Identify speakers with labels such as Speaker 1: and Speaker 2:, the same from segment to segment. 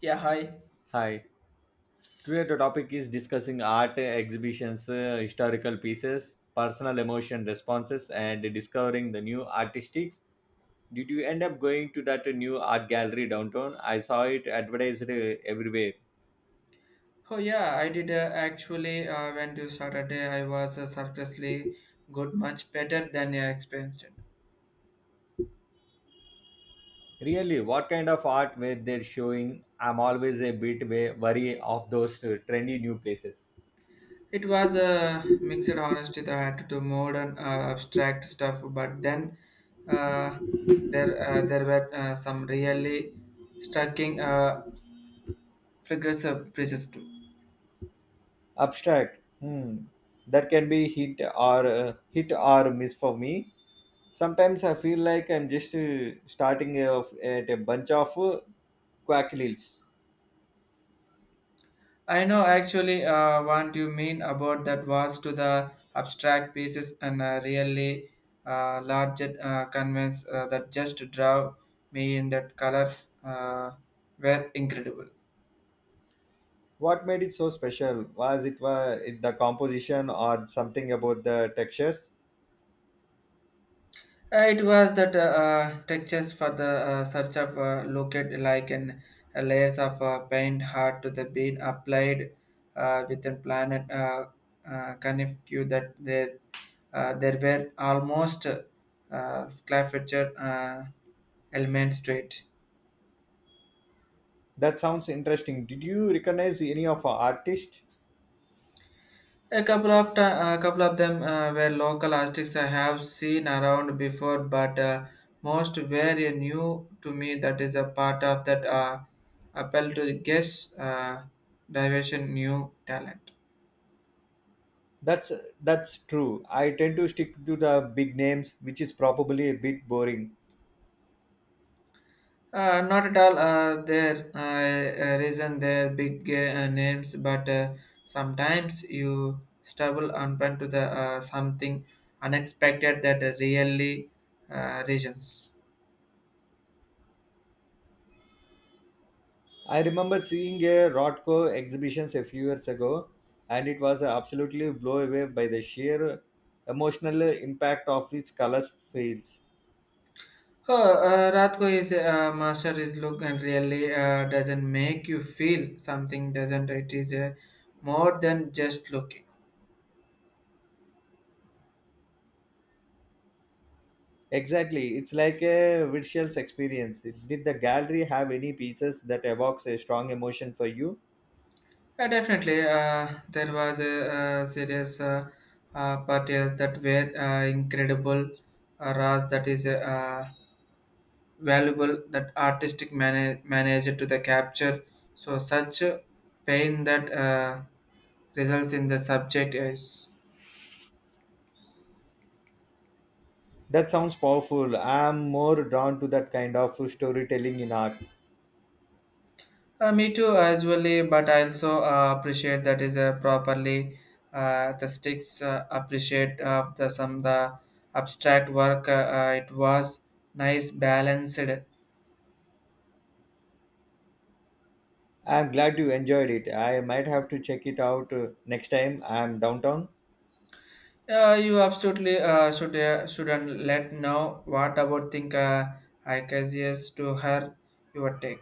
Speaker 1: Yeah, hi.
Speaker 2: Hi. Today the topic is discussing art exhibitions, historical pieces, personal emotion responses, and discovering the new artistics. Did you end up going to that new art gallery downtown? I saw it advertised everywhere.
Speaker 1: Oh, yeah, I did actually. When to Saturday, I was surprisingly good, much better than I experienced it.
Speaker 2: Really, what kind of art were they showing? I'm always a bit wary of those trendy new places.
Speaker 1: It was a mixed honesty that I had to do modern abstract stuff, but then uh, there were some really striking figures of pieces too.
Speaker 2: Abstract. Hmm. That can be hit or hit or miss for me. Sometimes I feel like I'm just starting at a bunch of quackleys.
Speaker 1: I know actually what you mean about that was to the abstract pieces and really large canvas that just draw me in that colors were incredible.
Speaker 2: What made it so special? Was it the composition or something about the textures?
Speaker 1: It was that textures for the search of looked like an layers of paint hard to the being applied within planet connective that there were almost scavenger elements to it.
Speaker 2: That sounds interesting. Did you recognize any of our artists?
Speaker 1: A couple of them were local artists I have seen around before, but most were new to me. That is a part of that appeal to guess diversion new talent.
Speaker 2: That's that's true. I tend to stick to the big names, which is probably a bit boring.
Speaker 1: Not at all. Their reason their big names, but sometimes you stumble upon to the something unexpected that really regions.
Speaker 2: I remember seeing a Rothko exhibitions a few years ago, and it was absolutely blown away by the sheer emotional impact of its colors fields.
Speaker 1: Oh, Ratko is a master is look and really doesn't make you feel something, doesn't it? Is more than just looking.
Speaker 2: Exactly, it's like a visual experience. Did the gallery have any pieces that evokes a strong emotion for you?
Speaker 1: Definitely, there was a, serious part yes, that were incredible, Ras that is valuable, that artistic manager to the capture. So such a pain that results in the subject is.
Speaker 2: That sounds powerful. I'm more drawn to that kind of storytelling in art.
Speaker 1: Me too, usually, but I also appreciate that is a properly the sticks appreciate of the some the abstract work. It was nice balanced.
Speaker 2: I'm glad you enjoyed it. I might have to check it out next time I'm downtown.
Speaker 1: You absolutely should shouldn't let know what about think I guess yes to her your take.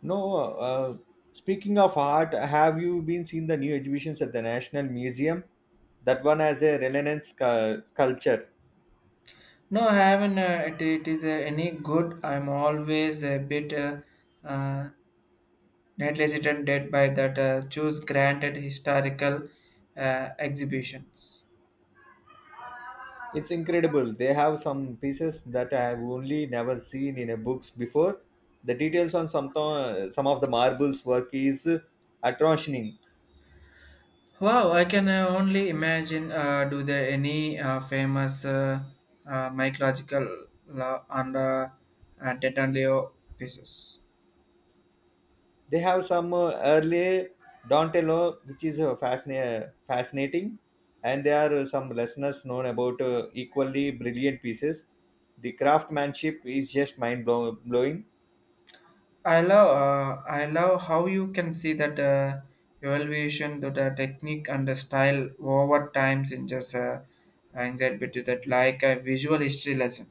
Speaker 2: No, Speaking of art, have you been seeing the new exhibitions at the National Museum? That one has a Renaissance sculpture.
Speaker 1: No, I haven't. It is any good. I'm always a bit uh, not hesitant did by that choose granted historical exhibitions.
Speaker 2: It's incredible. They have some pieces that I have only never seen in a books before. The details on some of the marbles work is astonishing.
Speaker 1: Wow, I can only imagine. Do there any famous mycological love and Detanlio pieces?
Speaker 2: They have some early Dontello, which is fascinating, and there are some listeners known about equally brilliant pieces. The craftsmanship is just blowing.
Speaker 1: I love how you can see that evaluation, that technique and the style over times in just anxiety to that like a visual history lesson.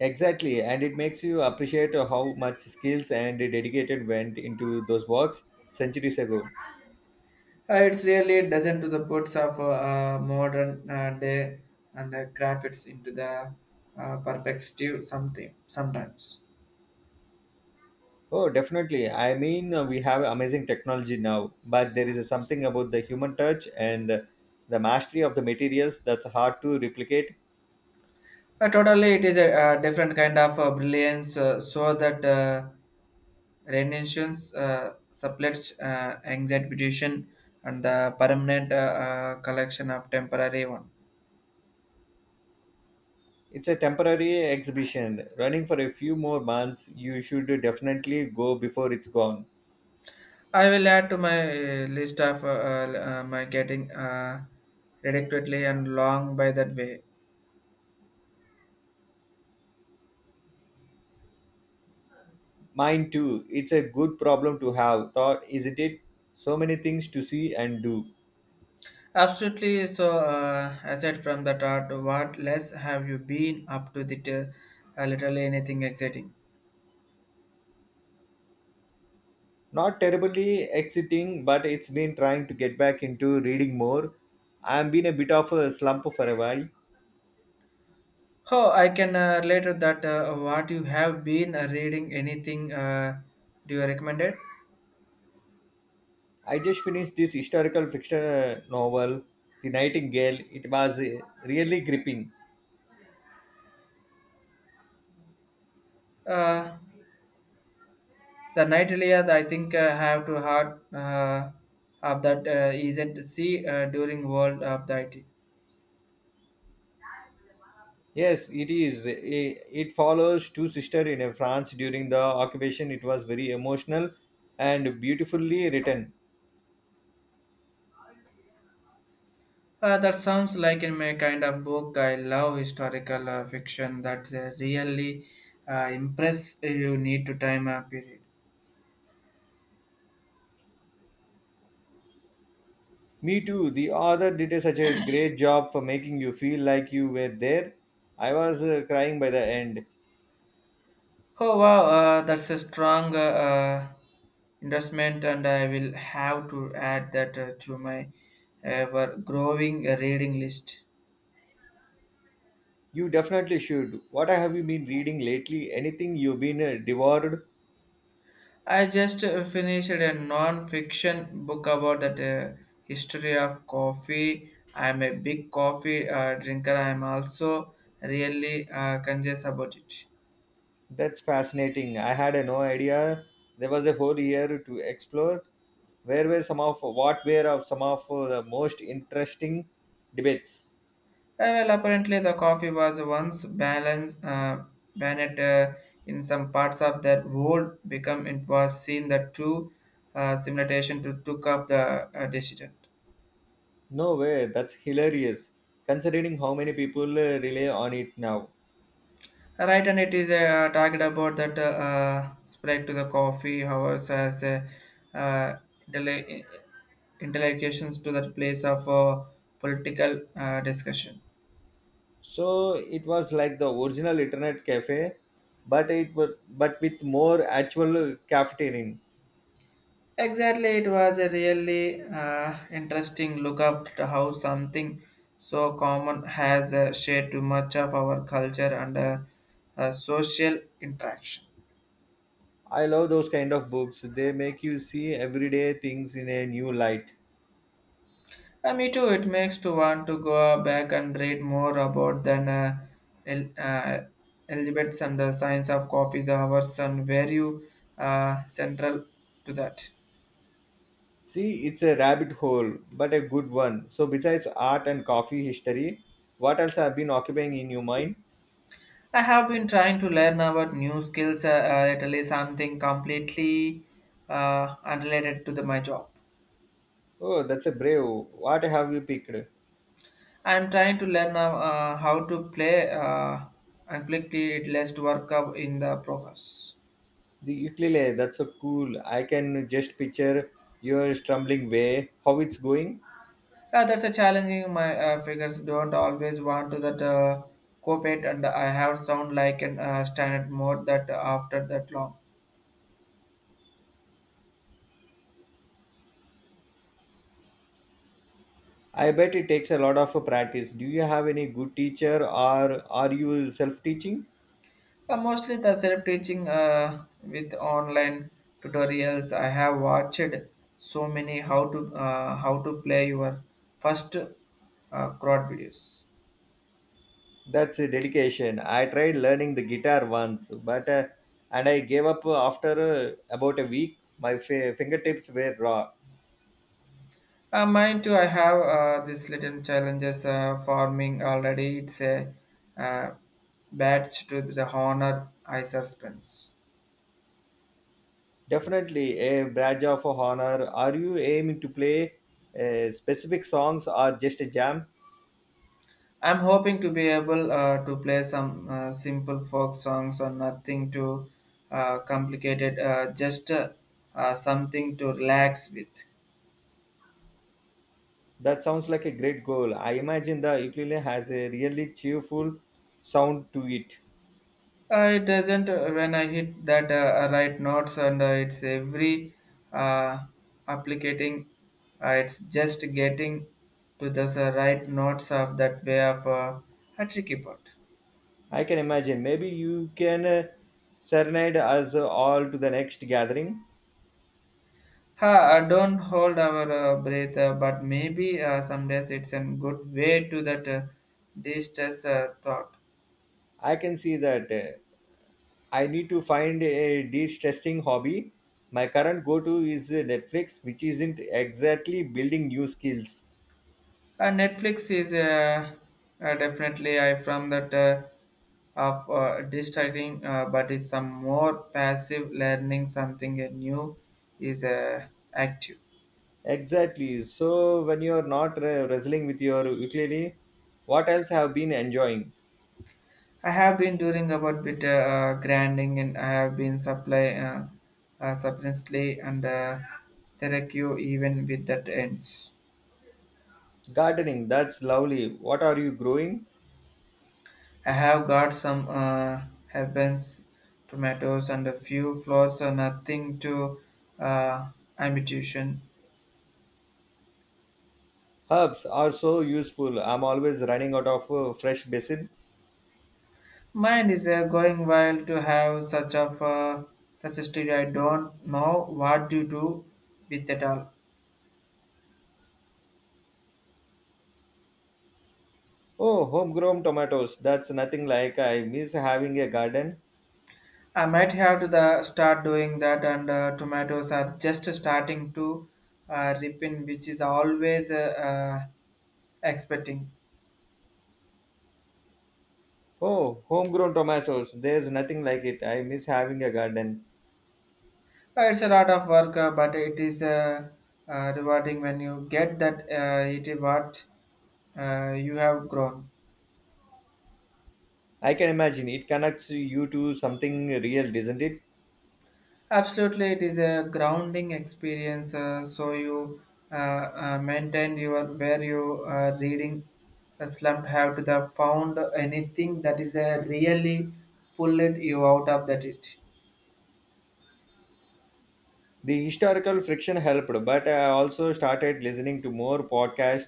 Speaker 2: Exactly, and it makes you appreciate how much skills and dedicated went into those works centuries ago.
Speaker 1: It's really doesn't to the puts of modern day and graphics into the perspective something sometimes.
Speaker 2: Oh, definitely. I mean, we have amazing technology now, but there is something about the human touch and the mastery of the materials that's hard to replicate.
Speaker 1: Totally, it is a, different kind of brilliance, so that renaissance supplets anxiety and the permanent collection of temporary one.
Speaker 2: It's a temporary exhibition running for a few more months. You should definitely go before it's gone.
Speaker 1: I will add to my list of my getting ridiculously and long by that way.
Speaker 2: Mine too. It's a good problem to have, thought, isn't it? So many things to see and do.
Speaker 1: Absolutely. So, aside from that art, what less have you been up to that? Literally anything exciting?
Speaker 2: Not terribly exciting, but it's been trying to get back into reading more. I've been a bit of a slump for a while.
Speaker 1: Oh, I can relate to that. What you have been reading? Anything? Do you recommend it?
Speaker 2: I just finished this historical fiction novel, The Nightingale. It was really gripping.
Speaker 1: Uh, the night Iliad, I think have to heart of that isn't see during world of the IT.
Speaker 2: Yes, it is. It follows two sisters in France during the occupation. It was very emotional and beautifully written.
Speaker 1: That sounds like in my kind of book. I love historical fiction that really impress you need to time period.
Speaker 2: Me too. The author did such a great job for making you feel like you were there. I was crying by the end.
Speaker 1: Oh wow, that's a strong investment, and I will have to add that to my ever growing reading list.
Speaker 2: You definitely should. What have you been reading lately? Anything you've been devoured?
Speaker 1: I just finished a non-fiction book about that history of coffee. I'm a big coffee drinker. I'm also really conscious about it.
Speaker 2: That's fascinating. I had no idea there was a whole year to explore. Where were some of what were of some of the most interesting debates?
Speaker 1: Well, apparently the coffee was once balanced, banned in some parts of the world. Become it was seen that two simulation to took off the decision.
Speaker 2: No way, that's hilarious considering how many people rely on it now.
Speaker 1: Right, and it is talked about that spread to the coffee hours as uh, intele- intellectuals to that place of political discussion.
Speaker 2: So it was like the original internet cafe, but it was but with more actual cafeteria.
Speaker 1: Exactly, it was a really interesting look at how something so common has shared too much of our culture and social interaction.
Speaker 2: I love those kind of books. They make you see everyday things in a new light.
Speaker 1: Me too. It makes to want to go back and read more about than el- uh, algebras and the science of coffee, the hours and where you, central to that.
Speaker 2: See, it's a rabbit hole, but a good one. So besides art and coffee history, what else have been occupying in your mind?
Speaker 1: I have been trying to learn about new skills, at least something completely unrelated to the, my job.
Speaker 2: Oh, that's a brave. What have you picked?
Speaker 1: I am trying to learn how to play and quickly it less work up in the progress.
Speaker 2: The ukulele, that's so cool. I can just picture your stumbling way, how it's going.
Speaker 1: That's a challenging. My figures don't always want to that cooperate, and I have sound like an standard mode that after that long.
Speaker 2: I bet it takes a lot of practice. Do you have any good teacher or are you self teaching?
Speaker 1: Mostly the self-teaching with online tutorials. I have watched so many how to play your first crowd videos.
Speaker 2: That's a dedication. I tried learning the guitar once, but and I gave up after about a week. My fingertips were raw.
Speaker 1: Mine too. I have this little challenges forming already. It's a uh, badge to the honor I suspense.
Speaker 2: Definitely a badge of honor. Are you aiming to play specific songs or just a jam?
Speaker 1: I'm hoping to be able to play some simple folk songs or nothing too complicated, just something to relax with.
Speaker 2: That sounds like a great goal. I imagine the ukulele has a really cheerful sound to it.
Speaker 1: It doesn't when I hit that right notes and it's every uh, applicating, it's just getting to the right notes of that way of a tricky part.
Speaker 2: I can imagine. Maybe you can serenade us all to the next gathering.
Speaker 1: Ha, I don't hold our breath, but maybe some days it's a good way to that distress thought.
Speaker 2: I can see that. I need to find a de-stressing hobby. My current go-to is Netflix, which isn't exactly building new skills.
Speaker 1: Netflix is definitely I from that of distracting, but it's some more passive learning something new is active.
Speaker 2: Exactly. So when you're not wrestling with your ukulele, what else have been enjoying?
Speaker 1: I have been doing about bit grinding and I have been supply substantially and therapy even with that ends.
Speaker 2: Gardening. That's lovely. What are you growing?
Speaker 1: I have got some herbs, tomatoes, and a few flowers, so nothing to uh, ambition.
Speaker 2: Herbs are so useful. I'm always running out of fresh basil.
Speaker 1: Mind is going wild to have such of necessity. I don't know what to do with it all.
Speaker 2: Oh, homegrown tomatoes. That's nothing like I miss having a garden.
Speaker 1: I might have to the start doing that, and tomatoes are just starting to ripen, which is always expecting.
Speaker 2: Oh, homegrown tomatoes. There's nothing like it. I miss having a garden.
Speaker 1: It's a lot of work, but it is rewarding when you get that it is what you have grown.
Speaker 2: I can imagine it connects you to something real, doesn't it?
Speaker 1: Absolutely, it is a grounding experience. So you maintain your where you reading a slump have to the found anything that is really pulled you out of that it.
Speaker 2: The historical friction helped, but I also started listening to more podcasts.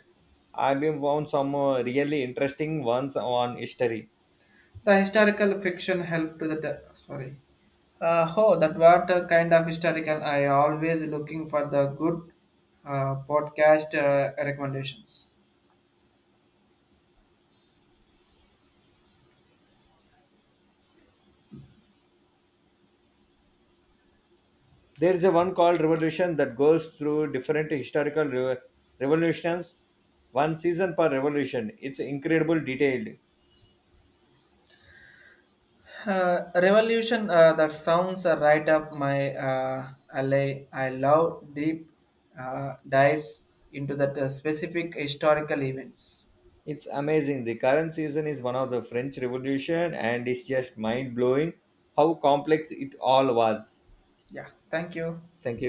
Speaker 2: I've been found some really interesting ones on history.
Speaker 1: The historical fiction helped the sorry. Oh, that what kind of historical? I always looking for the good podcast recommendations.
Speaker 2: There is a one called Revolution that goes through different historical revolutions, one season per revolution. It's incredible detailed.
Speaker 1: Revolution. That sounds right up my alley. I love deep dives into that specific historical events.
Speaker 2: It's amazing. The current season is one of the French Revolution and it's just mind blowing how complex it all was.
Speaker 1: Yeah. Thank you.
Speaker 2: Thank you.